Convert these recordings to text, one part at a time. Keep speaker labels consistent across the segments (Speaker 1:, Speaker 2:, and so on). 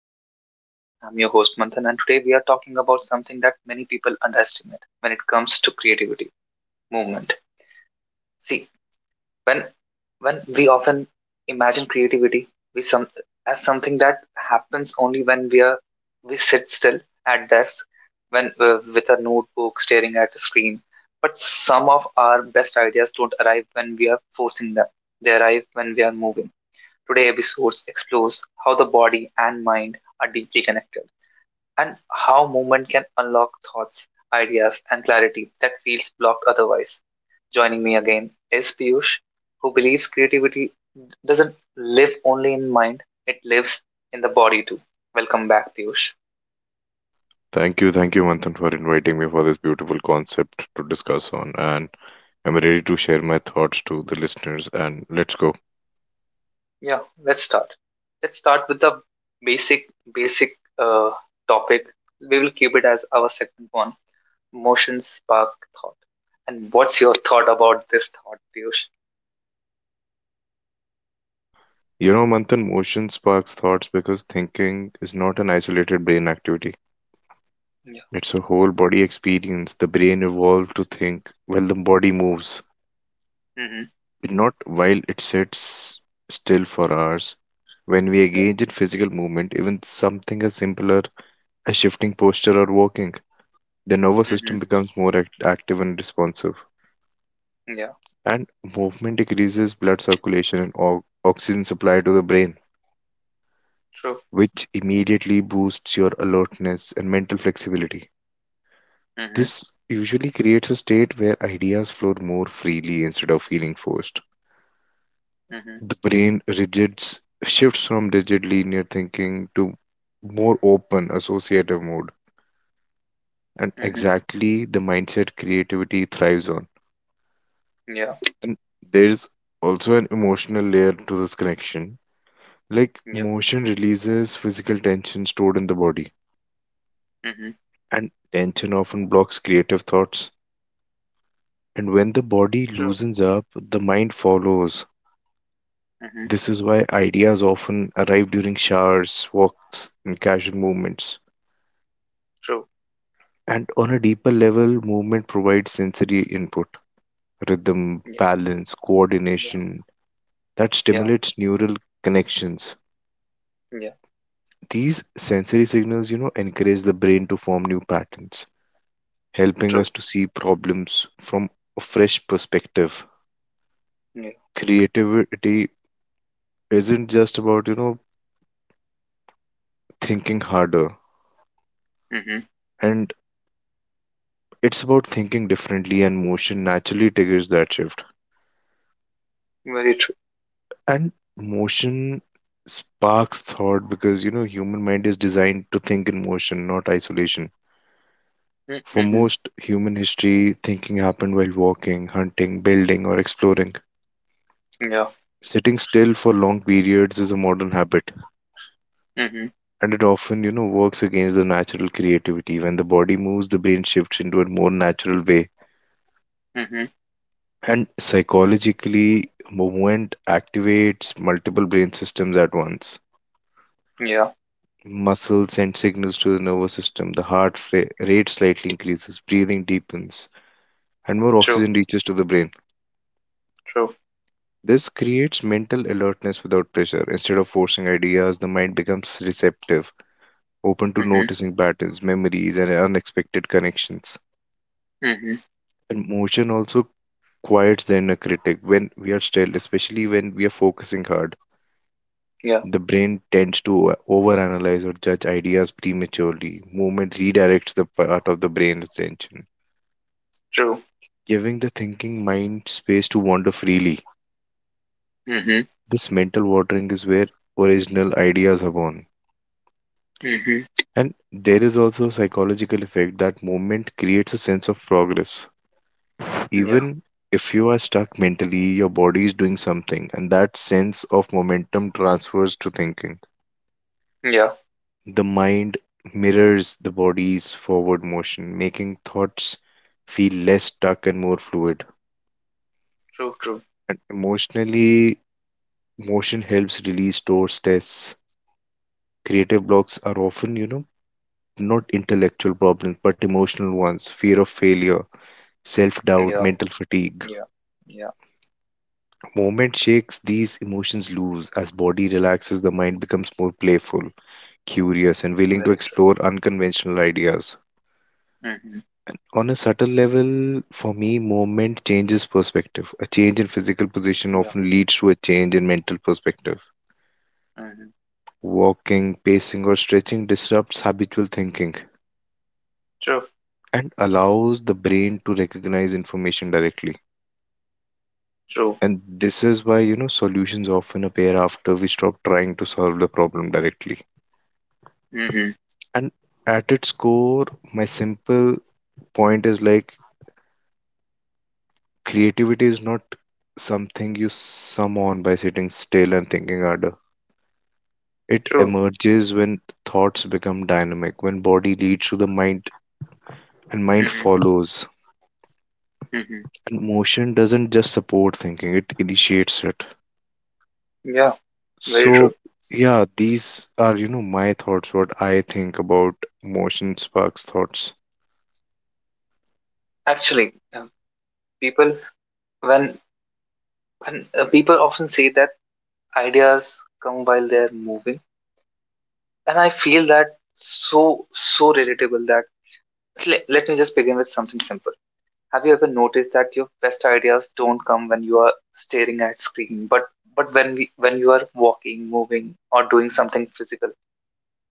Speaker 1: back to the podcast. I'm your host, Manthan, and today we are talking about something that many people underestimate when it comes to creativity: movement. See, when when we often imagine creativity we some, as something that happens only when we sit still at desk, when with a notebook staring at a screen. But some of our best ideas don't arrive when we are forcing them. They arrive when we are moving. Today's episode explores how the body and mind are deeply connected, and how movement can unlock thoughts, ideas and clarity that feels blocked otherwise. Joining me again is Piyush, who believes creativity doesn't live only in mind, it lives in the body too. Welcome back, Piyush.
Speaker 2: Thank you, Manthan, for inviting me for this beautiful concept to discuss on. And I'm ready to share my thoughts to the listeners. And let's go.
Speaker 1: Yeah, let's start. Let's start with the basic uh, topic. We will keep it as our second one. Motion spark thought. And what's your thought about this thought, Piyush?
Speaker 2: Manthan, motion sparks thoughts because thinking is not an isolated brain activity.
Speaker 1: Yeah.
Speaker 2: It's a whole body experience. The brain evolved to think while the body moves,
Speaker 1: Mm-hmm.
Speaker 2: but not while it sits still for hours. When we
Speaker 1: Yeah.
Speaker 2: engage in physical movement, even something as simpler as shifting posture or walking, the nervous system
Speaker 1: Mm-hmm.
Speaker 2: becomes more active and responsive,
Speaker 1: Yeah.
Speaker 2: and movement decreases blood circulation and oxygen supply to the brain,
Speaker 1: True.
Speaker 2: which immediately boosts your alertness and mental flexibility.
Speaker 1: Mm-hmm.
Speaker 2: This usually creates a state where ideas flow more freely instead of feeling forced.
Speaker 1: Mm-hmm.
Speaker 2: The brain rigids shifts from rigid linear thinking to more open associative mode, and
Speaker 1: Mm-hmm.
Speaker 2: exactly the mindset creativity thrives on.
Speaker 1: Yeah.
Speaker 2: And there's also an emotional layer to this connection. Like,
Speaker 1: Yeah.
Speaker 2: motion releases physical tension stored in the body,
Speaker 1: Mm-hmm.
Speaker 2: and tension often blocks creative thoughts. And when the body
Speaker 1: True.
Speaker 2: loosens up, the mind follows.
Speaker 1: Mm-hmm.
Speaker 2: This is why ideas often arrive during showers, walks, and casual movements.
Speaker 1: True.
Speaker 2: And on a deeper level, movement provides sensory input, rhythm,
Speaker 1: Yeah.
Speaker 2: balance,
Speaker 1: Yeah.
Speaker 2: coordination that
Speaker 1: Yeah.
Speaker 2: stimulates neural connections.
Speaker 1: Yeah.
Speaker 2: These sensory signals, encourage the brain to form new patterns, helping
Speaker 1: True.
Speaker 2: us to see problems from a fresh perspective.
Speaker 1: Yeah.
Speaker 2: Creativity isn't just about thinking harder,
Speaker 1: Mm-hmm.
Speaker 2: and it's about thinking differently, and motion naturally triggers that shift.
Speaker 1: Very true.
Speaker 2: And motion sparks thought because human mind is designed to think in motion, not isolation. For
Speaker 1: Mm-hmm.
Speaker 2: most human history, thinking happened while walking, hunting, building, or exploring.
Speaker 1: Yeah.
Speaker 2: Sitting still for long periods is a modern habit,
Speaker 1: Mm-hmm.
Speaker 2: and it often works against the natural creativity. When the body moves, the brain shifts into a more natural way,
Speaker 1: Mm-hmm.
Speaker 2: and psychologically, movement activates multiple brain systems at once.
Speaker 1: Yeah.
Speaker 2: Muscles send signals to the nervous system, the heart rate slightly increases, breathing deepens, and more
Speaker 1: True.
Speaker 2: oxygen reaches to the brain.
Speaker 1: True.
Speaker 2: This creates mental alertness without pressure. Instead of forcing ideas, the mind becomes receptive, open to
Speaker 1: Mm-hmm.
Speaker 2: noticing patterns, memories, and unexpected connections.
Speaker 1: Mm-hmm.
Speaker 2: And motion also quiets the inner critic. When we are still, especially when we are focusing hard,
Speaker 1: Yeah.
Speaker 2: the brain tends to overanalyze or judge ideas prematurely. Movement redirects the part of the brain's attention,
Speaker 1: True.
Speaker 2: giving the thinking mind space to wander freely.
Speaker 1: Mm-hmm.
Speaker 2: This mental watering is where original ideas are born.
Speaker 1: Mm-hmm.
Speaker 2: And there is also a psychological effect that movement creates a sense of progress.
Speaker 1: Yeah.
Speaker 2: Even if you are stuck mentally, your body is doing something, and that sense of momentum transfers to thinking.
Speaker 1: Yeah.
Speaker 2: The mind mirrors the body's forward motion, making thoughts feel less stuck and more fluid.
Speaker 1: True. True.
Speaker 2: And emotionally, motion helps release stored stress. Creative blocks are often not intellectual problems, but emotional ones: fear of failure, self doubt,
Speaker 1: Yeah.
Speaker 2: mental fatigue.
Speaker 1: Yeah. Yeah.
Speaker 2: Movement shakes these emotions loose. As body relaxes, the mind becomes more playful, curious, and willing to
Speaker 1: Very true.
Speaker 2: explore unconventional ideas.
Speaker 1: Mm-hmm.
Speaker 2: On a subtle level, for me, movement changes perspective. A change in physical position
Speaker 1: Yeah.
Speaker 2: often leads to a change in mental perspective.
Speaker 1: Mm-hmm.
Speaker 2: Walking, pacing, or stretching disrupts habitual thinking
Speaker 1: True,
Speaker 2: and allows the brain to recognize information directly.
Speaker 1: true.
Speaker 2: And this is why solutions often appear after we stop trying to solve the problem directly.
Speaker 1: Hmm.
Speaker 2: And at its core, my simple point is like creativity is not something you summon by sitting still and thinking harder. It
Speaker 1: True.
Speaker 2: emerges when thoughts become dynamic, when body leads to the mind and mind
Speaker 1: Hmm.
Speaker 2: follows.
Speaker 1: Hmm.
Speaker 2: And motion doesn't just support thinking, it initiates it.
Speaker 1: Yeah, very true.
Speaker 2: So, yeah, these are my thoughts, what I think about motion sparks thoughts.
Speaker 1: Actually, people when when people often say that ideas come while they're moving, and I feel that so relatable that, let me just begin with something simple. Have you ever noticed that your best ideas don't come when you are staring at screen, but when you are walking, moving, or doing something physical?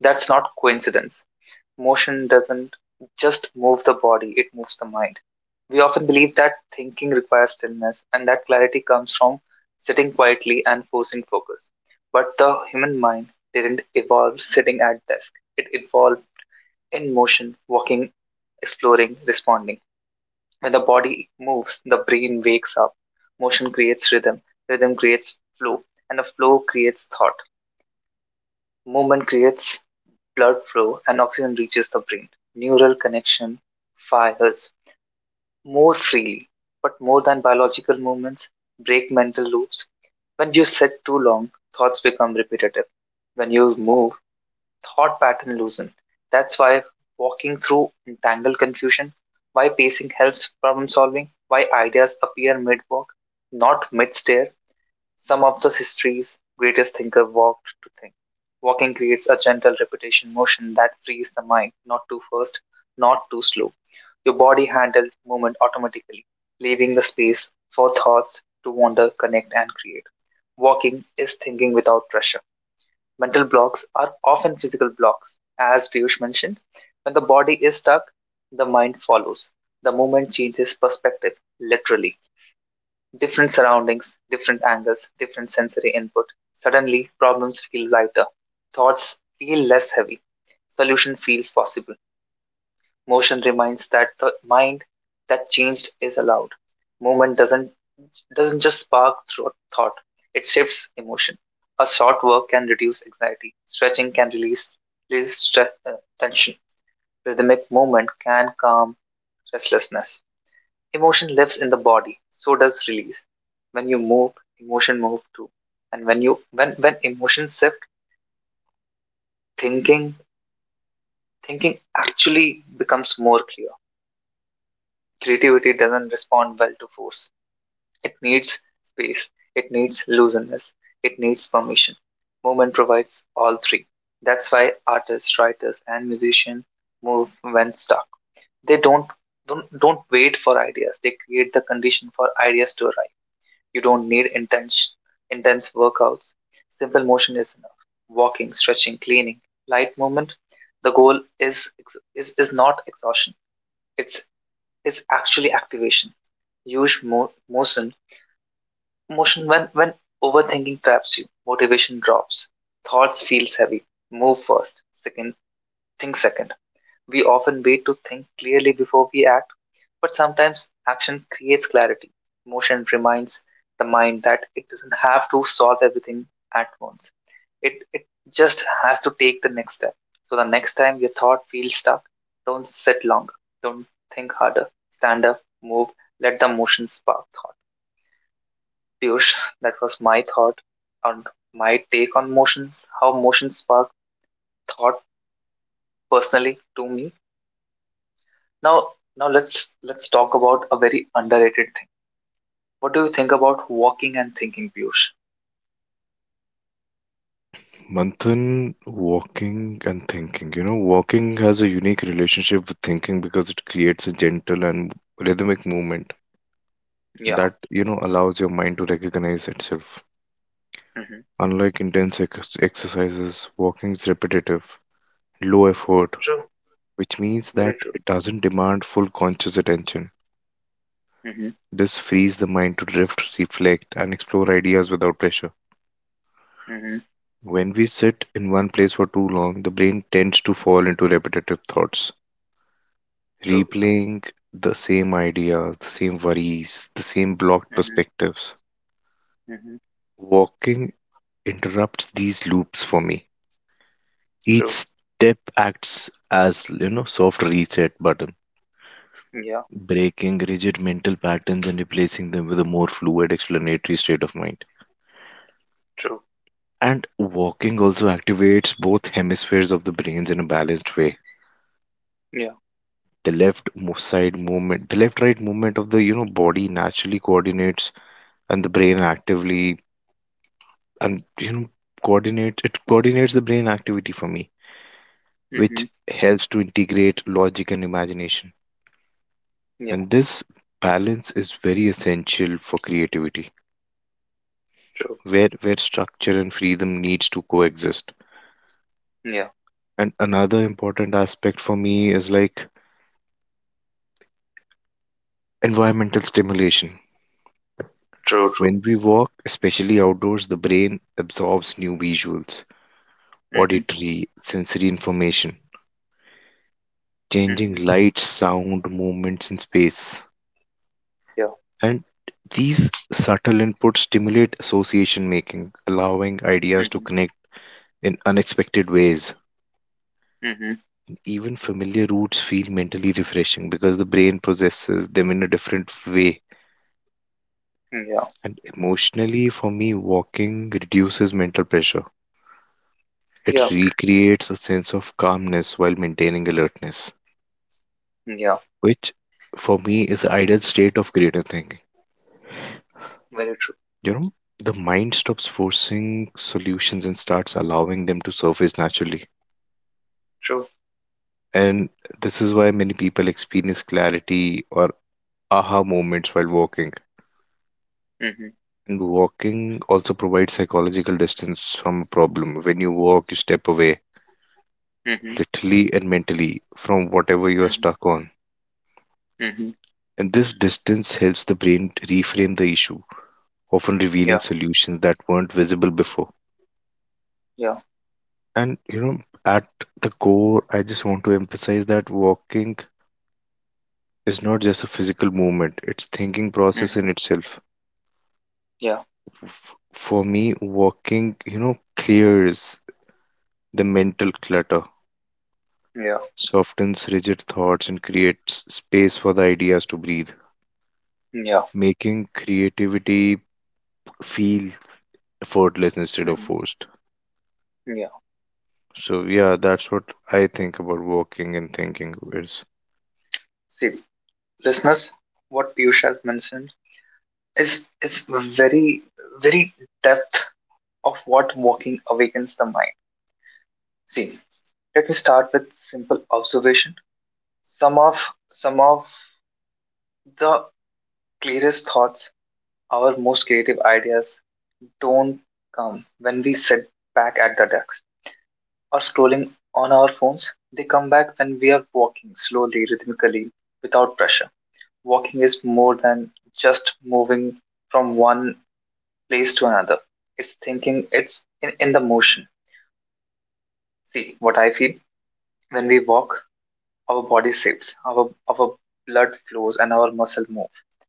Speaker 1: That's not coincidence. Motion doesn't just move the body, it moves the mind. We often believe that thinking requires stillness and that clarity comes from sitting quietly and forcing focus. But the human mind didn't evolve sitting at desk. It evolved in motion, walking, exploring, responding. When the body moves, the brain wakes up. Motion creates rhythm, rhythm creates flow, and a flow creates thought. Movement creates blood flow and oxygen reaches the brain. Neural connection fires more freely, but more than biological movements break mental loops. When you sit too long, thoughts become repetitive. When you move, thought pattern loosen. That's why walking through entangled confusion, why pacing helps problem solving, why ideas appear mid walk, not mid stare. Some of the history's greatest thinkers walked to think. Walking creates a gentle repetition motion that frees the mind, not too fast, not too slow. Your body handles movement automatically, leaving the space for thoughts to wander, connect, and create. Walking is thinking without pressure. Mental blocks are often physical blocks. As Piyush mentioned, when the body is stuck, the mind follows. The movement changes perspective, literally. Different surroundings, different angles, different sensory input. Suddenly, problems feel lighter. Thoughts feel less heavy. Solution feels possible. Motion reminds that the mind that changed is allowed. Movement doesn't just spark through thought. It shifts emotion. A short work can reduce anxiety. Stretching can release tension. Rhythmic movement can calm restlessness. Emotion lives in the body, so does release. When you move, emotion moves too. And when you when emotions shift, thinking thinking actually becomes more clear. Creativity doesn't respond well to force. It needs space. It needs looseness. It needs permission. Movement provides all three. That's why artists, writers, and musicians move when stuck. They don't wait for ideas. They create the condition for ideas to arrive. You don't need intense workouts. Simple motion is enough. Walking, stretching, cleaning, light movement. The goal is not exhaustion. It's is actually activation. Use motion when overthinking traps you. Motivation drops. Thoughts feels heavy. Move first. Second, think second. We often wait to think clearly before we act, but sometimes action creates clarity. Motion reminds the mind that it doesn't have to solve everything at once. It just has to take the next step. So the next time your thought feels stuck, don't sit longer. Don't think harder. Stand up, move, let the motion spark thought. Piyush, that was on my take on motions, how motions spark thought personally to me. Now, Now let's talk about a very underrated thing. What do you think about walking and thinking, Piyush?
Speaker 2: Manthan, walking and thinking. Walking has a unique relationship with thinking because it creates a gentle and rhythmic movement
Speaker 1: Yeah.
Speaker 2: that allows your mind to recognize itself.
Speaker 1: Mm-hmm.
Speaker 2: Unlike intense exercises, walking is repetitive, low effort,
Speaker 1: True.
Speaker 2: which means
Speaker 1: Very
Speaker 2: that
Speaker 1: true.
Speaker 2: it doesn't demand full conscious attention.
Speaker 1: Mm-hmm.
Speaker 2: This frees the mind to drift, reflect, and explore ideas without pressure.
Speaker 1: Mm-hmm.
Speaker 2: When we sit in one place for too long, the brain tends to fall into repetitive thoughts,
Speaker 1: True.
Speaker 2: replaying the same ideas, the same worries, the same blocked
Speaker 1: Mm-hmm.
Speaker 2: perspectives.
Speaker 1: Mm-hmm.
Speaker 2: Walking interrupts these loops for me.
Speaker 1: True.
Speaker 2: Each step acts as soft reset button,
Speaker 1: Yeah.
Speaker 2: breaking rigid mental patterns and replacing them with a more fluid explanatory state of mind.
Speaker 1: True.
Speaker 2: And walking also activates both hemispheres of the brains in a balanced way.
Speaker 1: Yeah.
Speaker 2: The side movement, the left right movement of the body naturally coordinates, and the brain actively and coordinates the brain activity for me,
Speaker 1: Mm-hmm.
Speaker 2: which helps to integrate logic and imagination.
Speaker 1: Yeah.
Speaker 2: And this balance is very essential for creativity,
Speaker 1: True.
Speaker 2: where structure and freedom needs to coexist.
Speaker 1: Yeah.
Speaker 2: And another important aspect for me is like environmental stimulation.
Speaker 1: True. True.
Speaker 2: When we walk, especially outdoors, the brain absorbs new visuals,
Speaker 1: Mm-hmm.
Speaker 2: auditory sensory information, changing
Speaker 1: Mm-hmm.
Speaker 2: light, sound, movements in space.
Speaker 1: Yeah.
Speaker 2: And these subtle inputs stimulate association making, allowing ideas to
Speaker 1: Mm-hmm.
Speaker 2: connect in unexpected ways.
Speaker 1: Mm-hmm.
Speaker 2: Even familiar routes feel mentally refreshing because the brain processes them in a different way.
Speaker 1: Yeah.
Speaker 2: And emotionally, for me, walking reduces mental pressure.
Speaker 1: Yeah.
Speaker 2: It recreates a sense of calmness while maintaining alertness,
Speaker 1: Yeah.
Speaker 2: which for me is the ideal state of creative thinking.
Speaker 1: Very true.
Speaker 2: You know, the mind stops forcing solutions and starts allowing them to surface naturally.
Speaker 1: True.
Speaker 2: And this is why many people experience clarity or aha moments while walking.
Speaker 1: Mm-hmm.
Speaker 2: And walking also provides psychological distance from a problem. When you walk, you step away,
Speaker 1: Mm-hmm.
Speaker 2: literally and mentally, from whatever you are
Speaker 1: Mm-hmm.
Speaker 2: stuck on.
Speaker 1: Mm-hmm.
Speaker 2: And this distance helps the brain reframe the issue, often
Speaker 1: Yeah.
Speaker 2: revealing solutions that weren't visible before.
Speaker 1: Yeah.
Speaker 2: And at the core, I just want to emphasize that walking is not just a physical movement, it's thinking process
Speaker 1: Mm-hmm.
Speaker 2: in itself.
Speaker 1: Yeah.
Speaker 2: For me, walking, clears the mental clutter,
Speaker 1: Yeah.
Speaker 2: softens rigid thoughts and creates space for the ideas to breathe,
Speaker 1: Yeah.
Speaker 2: making creativity feel effortless instead of
Speaker 1: Mm-hmm.
Speaker 2: forced.
Speaker 1: Yeah.
Speaker 2: So yeah, that's what I think about walking and thinking is.
Speaker 1: See, listeners, what Piyush has mentioned is very, very depth of what walking awakens the mind. See, let me start with simple observation. Some of the clearest thoughts, our most creative ideas, don't come when we sit back at the desk or scrolling on our phones. They come back when we are walking slowly, rhythmically, without pressure. Walking is more than just moving from one place to another. It's thinking, it's in the motion. See, what I feel when we walk, our body shifts, our blood flows, and our muscle move.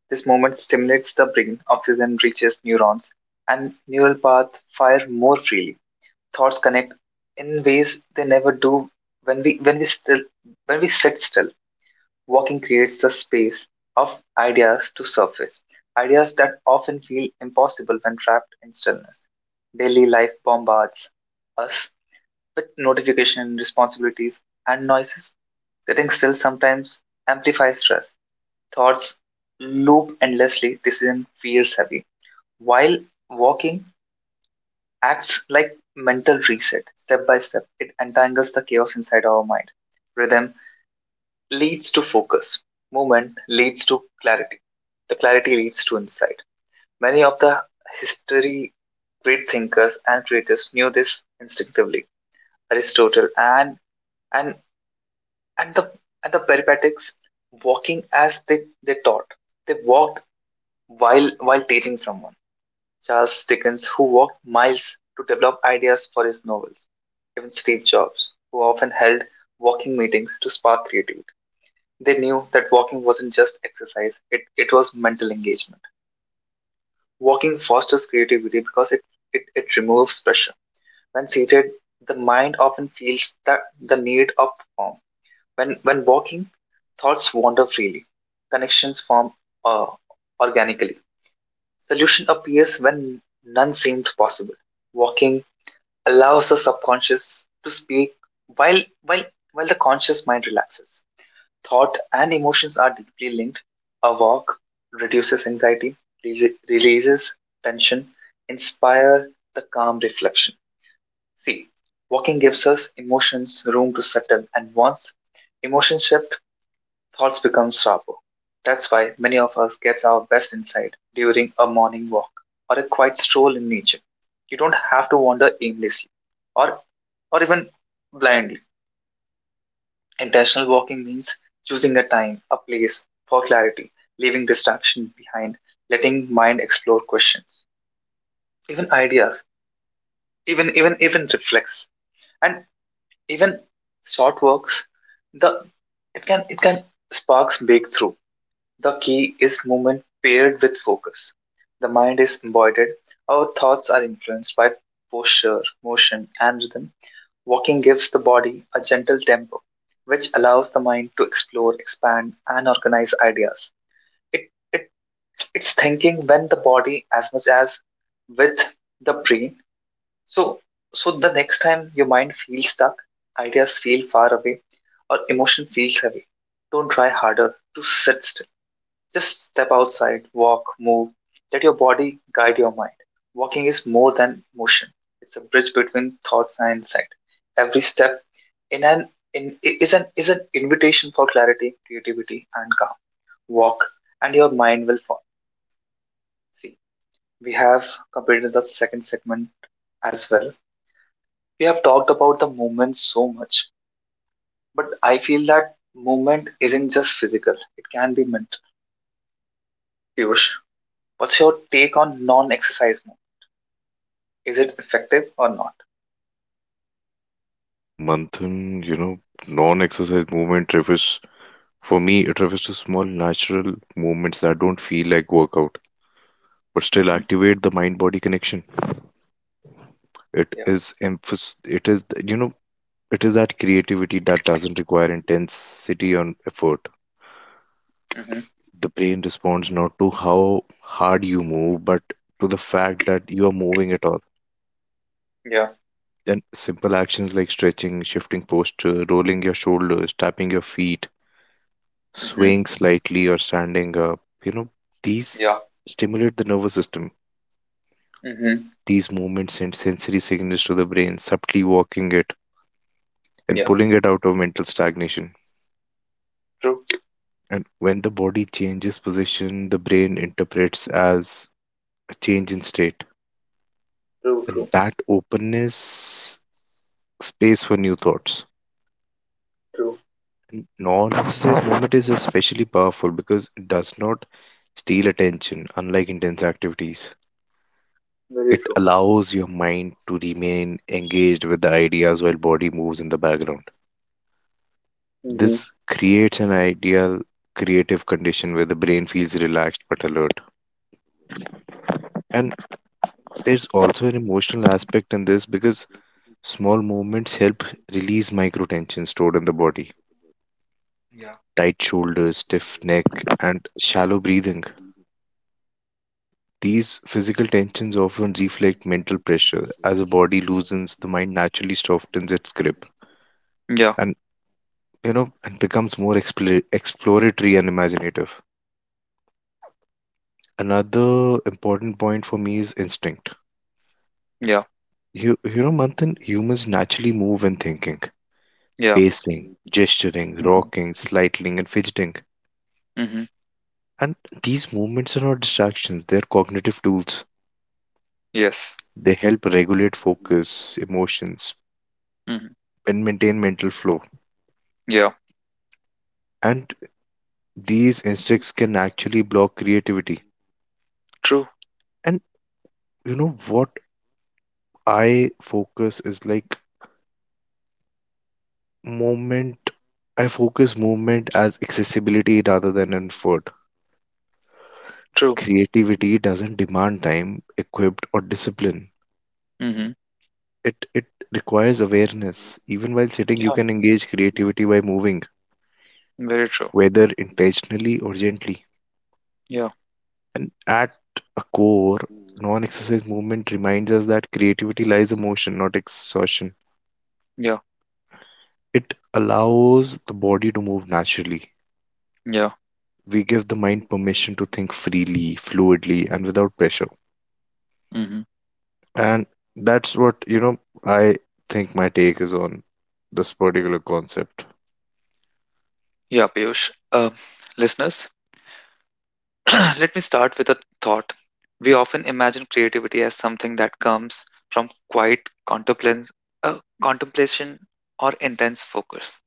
Speaker 1: This movement stimulates the brain, oxygen reaches neurons, and neural paths fire more freely. Thoughts connect in ways they never do when we still when we sit still. Walking creates the space of ideas to surface, ideas that often feel impossible when trapped in stillness. Daily life bombards us with notification responsibilities and noises. Sitting still sometimes amplifies stress. Thoughts loop endlessly, decision feels heavy. While walking acts like mental reset, step by step, it entangles the chaos inside our mind. Rhythm leads to focus. Movement leads to clarity. The clarity leads to insight. Many of the history great thinkers and creators knew this instinctively. Aristotle and and the and the Peripatetics walking as they taught. They walked while teaching someone. Charles Dickens, who walked miles to develop ideas for his novels. Even Steve Jobs, who often held walking meetings to spark creativity. They knew that walking wasn't just exercise, it was mental engagement. Walking fosters creativity because it removes pressure. When seated, the mind often feels that the need of form. When walking, thoughts wander freely, connections form uh, organically. Solution appears when none seemed possible. Walking allows the subconscious to speak while, while, while the conscious mind relaxes. Thought and emotions are deeply linked. A walk reduces anxiety, releases tension, inspire the calm reflection. See, walking gives us emotions room to settle, and once emotions shift, thoughts become sharper. That's why many of us gets our best insight during a morning walk or a quiet stroll in nature. You don't have to wander aimlessly or or even blindly. Intentional walking means choosing a time, a place for clarity, leaving distraction behind, letting mind explore questions, even ideas, even reflex, and even short walks. The it can sparks breakthrough. The key is movement paired with focus. The mind is embodied. Our thoughts are influenced by posture, motion, and rhythm. Walking gives the body a gentle tempo, which allows the mind to explore, expand, and organize ideas. It, it, it's thinking when the body as much as with the brain. So, so the next time your mind feels stuck, ideas feel far away, or emotion feels heavy, don't try harder to sit still. Just step outside, walk, move. Let your body guide your mind. Walking is more than motion. It's a bridge between thoughts and insight. Every step in an in is an invitation for clarity, creativity, and calm. Walk, and your mind will follow. See, we have completed the second segment as well. We have talked about the movement so much, but I feel that movement isn't just physical; it can be mental. Piyush, what's your take on non-exercise movement? Is it effective or not?
Speaker 2: Manthan, non-exercise movement refers for me. It refers to small natural movements that don't feel like workout but still
Speaker 1: Mm-hmm.
Speaker 2: activate the mind-body connection. It
Speaker 1: Yeah.
Speaker 2: is emphasis it is you know it is that creativity that doesn't require intensity on effort.
Speaker 1: Mm-hmm.
Speaker 2: The brain responds not to how hard you move, but to the fact that you are moving at all.
Speaker 1: Yeah.
Speaker 2: And simple actions like stretching, shifting posture, rolling your shoulders, tapping your feet,
Speaker 1: Mm-hmm.
Speaker 2: swaying slightly, or standing up,
Speaker 1: Yeah.
Speaker 2: these stimulate the nervous system.
Speaker 1: Mm-hmm.
Speaker 2: These movements send sensory signals to the brain, subtly walking it and
Speaker 1: Yeah.
Speaker 2: pulling it out of mental stagnation.
Speaker 1: True.
Speaker 2: And when the body changes position, the brain interprets as a change in state.
Speaker 1: True. True.
Speaker 2: And that openness space for new thoughts.
Speaker 1: True.
Speaker 2: Non-exercise movement is especially powerful because it does not steal attention, unlike intense activities.
Speaker 1: Very
Speaker 2: It
Speaker 1: true.
Speaker 2: allows your mind to remain engaged with the ideas while body moves in the background.
Speaker 1: Mm-hmm.
Speaker 2: This creates an ideal creative condition where the brain feels relaxed but alert. And there's also an emotional aspect in this because small movements help release micro tension stored in the body. Tight shoulders, stiff neck, and shallow breathing. These physical tensions often reflect mental pressure. As the body loosens, the mind naturally softens its grip and and becomes more exploratory and imaginative. Another important point for me is instinct. You know, Manthan, humans naturally move when thinking, pacing, gesturing, rocking, slightling, and fidgeting. And these movements are not distractions, they're cognitive tools.
Speaker 1: Yes.
Speaker 2: They help regulate focus, emotions,
Speaker 1: Mm-hmm.
Speaker 2: and maintain mental flow.
Speaker 1: Yeah.
Speaker 2: And these instincts can actually block creativity.
Speaker 1: True.
Speaker 2: And you know what I focus is like movement, I focus movement as accessibility rather than an effort. Creativity doesn't demand time equipped or discipline. It requires awareness. Even while sitting, you
Speaker 1: Yeah.
Speaker 2: can engage creativity by moving, whether intentionally or gently. And at a core, non-exercise movement reminds us that creativity lies in motion, not exhaustion. It allows the body to move naturally.
Speaker 1: Yeah.
Speaker 2: We give the mind permission to think freely, fluidly, and without pressure.
Speaker 1: Mm-hmm.
Speaker 2: And that's what I think my take is on this particular concept.
Speaker 1: Yeah, Piyush. Listeners, let me start with a thought. We often imagine creativity as something that comes from quiet contemplance, contemplation or intense focus.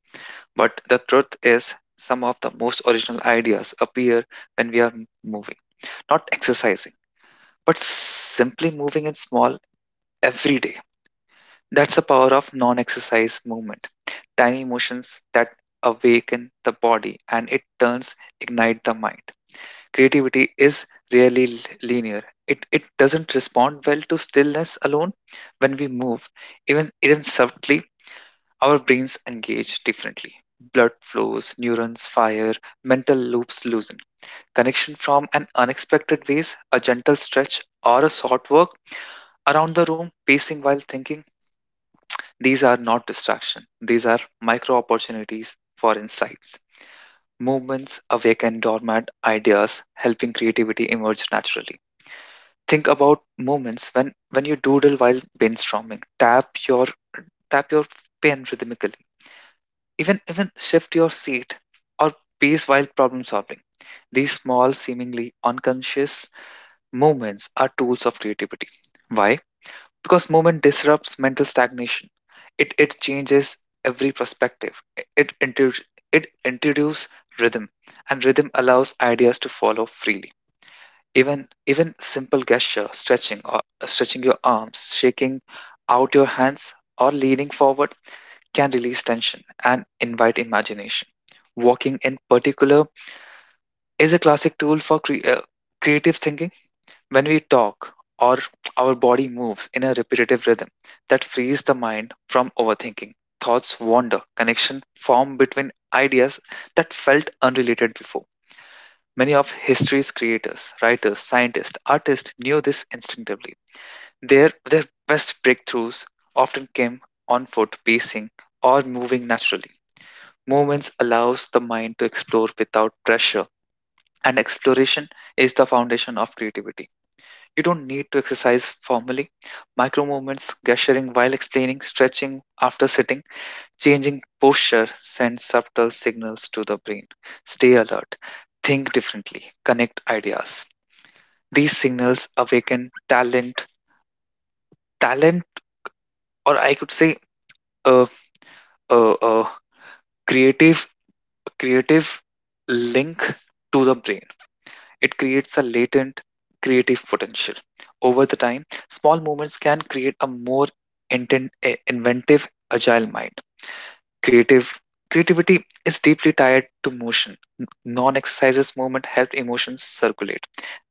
Speaker 1: But the truth is, some of the most original ideas appear when we are moving, not exercising, but simply moving in small every day. That's the power of non exercise movement. Tiny motions that awaken the body and it turns ignite the mind. Creativity is really linear. It doesn't respond well to stillness alone. When we move, even subtly, our brains engage differently. Blood flows, neurons fire, mental loops loosen. Connection from an unexpected ways, a gentle stretch, or a short walk around the room, pacing while thinking. These are not distraction. These are micro opportunities for insights. Movements awaken dormant ideas, helping creativity emerge naturally. Think about moments when you doodle while brainstorming. Tap your pen rhythmically. Even shift your seat or pace while problem solving. These small, seemingly unconscious movements are tools of creativity. Why? Because movement disrupts mental stagnation. It changes every perspective. It introduces it introduces rhythm, and rhythm allows ideas to follow freely. Even simple gesture, stretching or stretching your arms, shaking out your hands, or leaning forward can release tension and invite imagination. Walking in particular is a classic tool for creative thinking when we talk, or our body moves in a repetitive rhythm that frees the mind from overthinking. Thoughts wander, connection form between ideas that felt unrelated before. Many of history's creators, writers, scientists, artists knew this instinctively. Their best breakthroughs often came on foot, pacing, or moving naturally. Movements allows the mind to explore without pressure, and exploration is the foundation of creativity. You don't need to exercise formally. Micro movements, gesturing while explaining, stretching after sitting, changing posture send subtle signals to the brain. Stay alert, think differently, connect ideas. These signals awaken talent, or I could say a, a, a creative, creative link to the brain. It creates a latent creative potential. Over the time, small movements can create a more inventive, agile mind. Creative creativity is deeply tied to motion. Non-exercises movement help emotions circulate.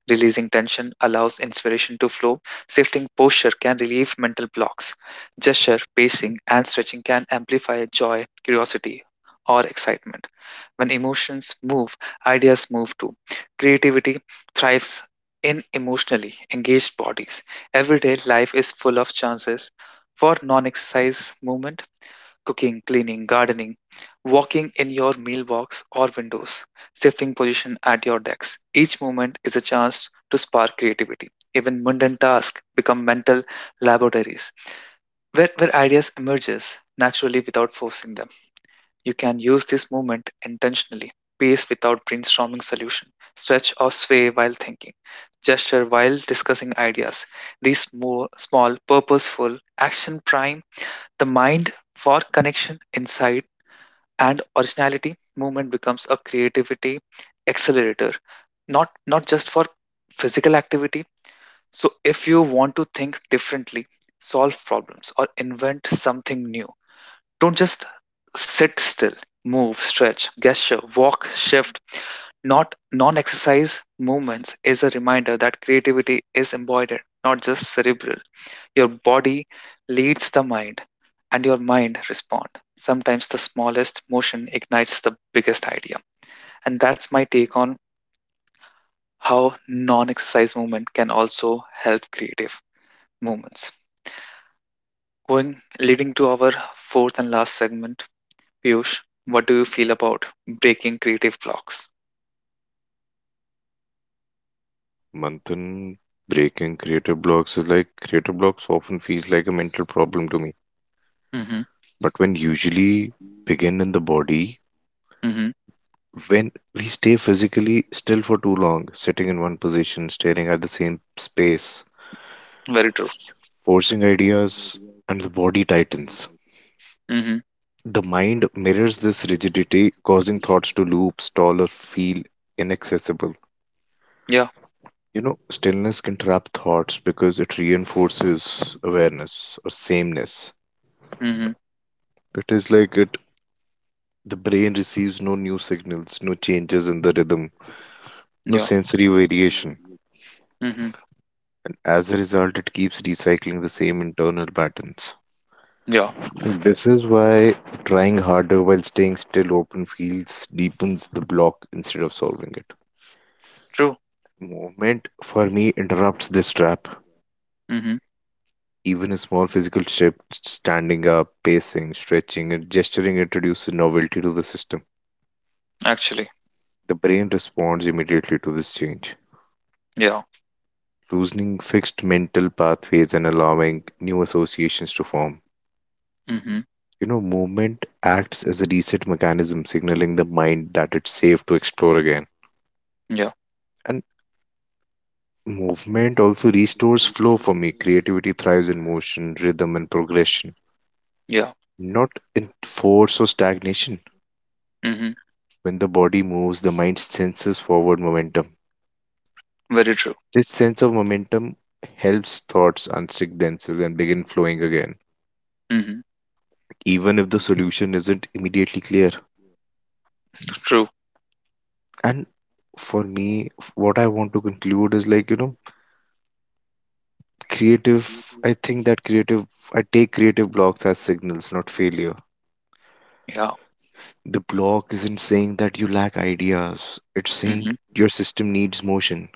Speaker 1: Releasing tension allows inspiration to flow. Shifting posture can relieve mental blocks. Gesture, pacing, and stretching can amplify joy, curiosity, or excitement. When emotions move, ideas move too. Creativity thrives in emotionally engaged bodies. Everyday life is full of chances for non exercise movement: cooking, cleaning, gardening, walking in your mailbox or windows, shifting position at your desk. Each moment is a chance to spark creativity. Even mundane tasks become mental laboratories where ideas emerges naturally without forcing them. You can use this moment intentionally, pace without brainstorming solution, stretch or sway while thinking, gesture while discussing ideas. These more small, purposeful action prime the mind for connection, insight, and originality movement becomes a creativity accelerator, not just for physical activity. So if you want to think differently, solve problems, or invent something new, don't just sit still. Move, stretch, gesture, walk, shift. Not Non exercise movements is a reminder that creativity is embodied, not just cerebral. Your body leads the mind, and your mind respond. Sometimes the smallest motion ignites the biggest idea. And that's my take on how non-exercise movement can also help creative movements. Going leading to our fourth and last segment, Piyush, what do you feel about breaking creative blocks?
Speaker 2: Manthan, breaking creative blocks is like creative blocks often feels like a mental problem to me.
Speaker 1: Mm-hmm.
Speaker 2: But when usually begin in the body,
Speaker 1: Mm-hmm.
Speaker 2: when we stay physically still for too long, sitting in one position, staring at the same space,
Speaker 1: Very true.
Speaker 2: forcing ideas, and the body tightens.
Speaker 1: Mm-hmm.
Speaker 2: The mind mirrors this rigidity, causing thoughts to loop, stall, or feel inaccessible.
Speaker 1: Yeah.
Speaker 2: Stillness can trap thoughts because it reinforces awareness or sameness.
Speaker 1: Mm-hmm.
Speaker 2: It is like it the brain receives no new signals, no changes in the rhythm, no
Speaker 1: Yeah.
Speaker 2: sensory variation.
Speaker 1: Mm-hmm.
Speaker 2: As a result, it keeps recycling the same internal patterns.
Speaker 1: Yeah.
Speaker 2: This is why trying harder while staying still open feels deepens the block instead of solving it.
Speaker 1: True.
Speaker 2: Movement for me interrupts this trap.
Speaker 1: Mm-hmm.
Speaker 2: Even a small physical shift, standing up, pacing, stretching, and gesturing introduces novelty to the system.
Speaker 1: Actually.
Speaker 2: The brain responds immediately to this change,
Speaker 1: Yeah.
Speaker 2: loosening fixed mental pathways and allowing new associations to form.
Speaker 1: Mm-hmm.
Speaker 2: Movement acts as a reset mechanism, signaling the mind that it's safe to explore again.
Speaker 1: Yeah.
Speaker 2: And movement also restores flow for me. Creativity thrives in motion, rhythm, and progression,
Speaker 1: Yeah.
Speaker 2: not in force or stagnation.
Speaker 1: Mm-hmm.
Speaker 2: When the body moves, the mind senses forward momentum.
Speaker 1: Very true.
Speaker 2: This sense of momentum helps thoughts unstick themselves and begin flowing again,
Speaker 1: Mhm.
Speaker 2: even if the solution isn't immediately clear.
Speaker 1: True.
Speaker 2: And for me, what I want to conclude is like, creative, I think that creative, I take creative blocks as signals, not failures.
Speaker 1: Yeah.
Speaker 2: The block isn't saying that you lack ideas, it's saying
Speaker 1: Mhm.
Speaker 2: your system needs motion.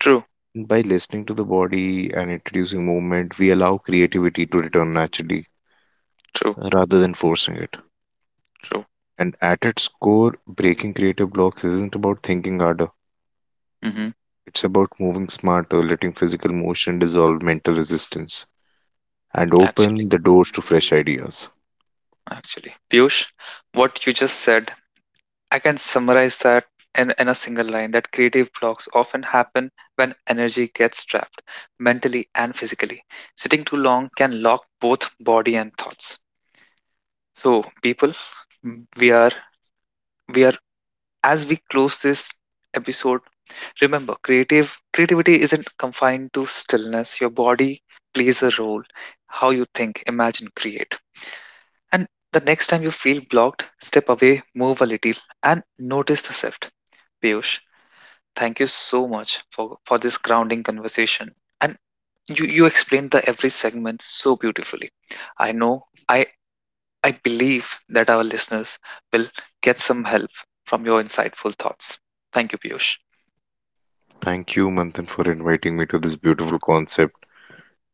Speaker 1: True.
Speaker 2: By listening to the body and introducing movement, we allow creativity to return naturally
Speaker 1: True.
Speaker 2: rather than forcing it.
Speaker 1: True.
Speaker 2: And at its core, breaking creative blocks isn't about thinking harder,
Speaker 1: Mhm.
Speaker 2: it's about moving smarter, letting physical motion dissolve mental resistance and
Speaker 1: Actually,
Speaker 2: open the doors to fresh ideas.
Speaker 1: actually. Piyush, what you just said, I can summarize that in a single line that creative blocks often happen when energy gets trapped, mentally and physically. Sitting too long can lock both body and thoughts. So, people, we are we are as we close this episode, remember, creative creativity isn't confined to stillness. Your body plays a role. How you think, imagine, create. And the next time you feel blocked, step away, move a little, and notice the shift. Piyush, thank you so much for this grounding conversation. And you explained the every segment so beautifully. I know I believe that our listeners will get some help from your insightful thoughts. Thank you, Piyush.
Speaker 2: Thank you, Manthan, for inviting me to this beautiful concept.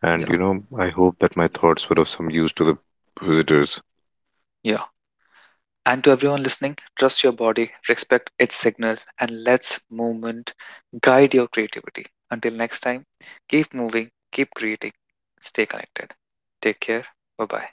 Speaker 2: And
Speaker 1: Yeah.
Speaker 2: I hope that my thoughts were of some use to the visitors.
Speaker 1: Yeah. And to everyone listening, trust your body, respect its signal, and let's movement guide your creativity. Until next time, keep moving, keep creating, stay connected. Take care. Bye bye.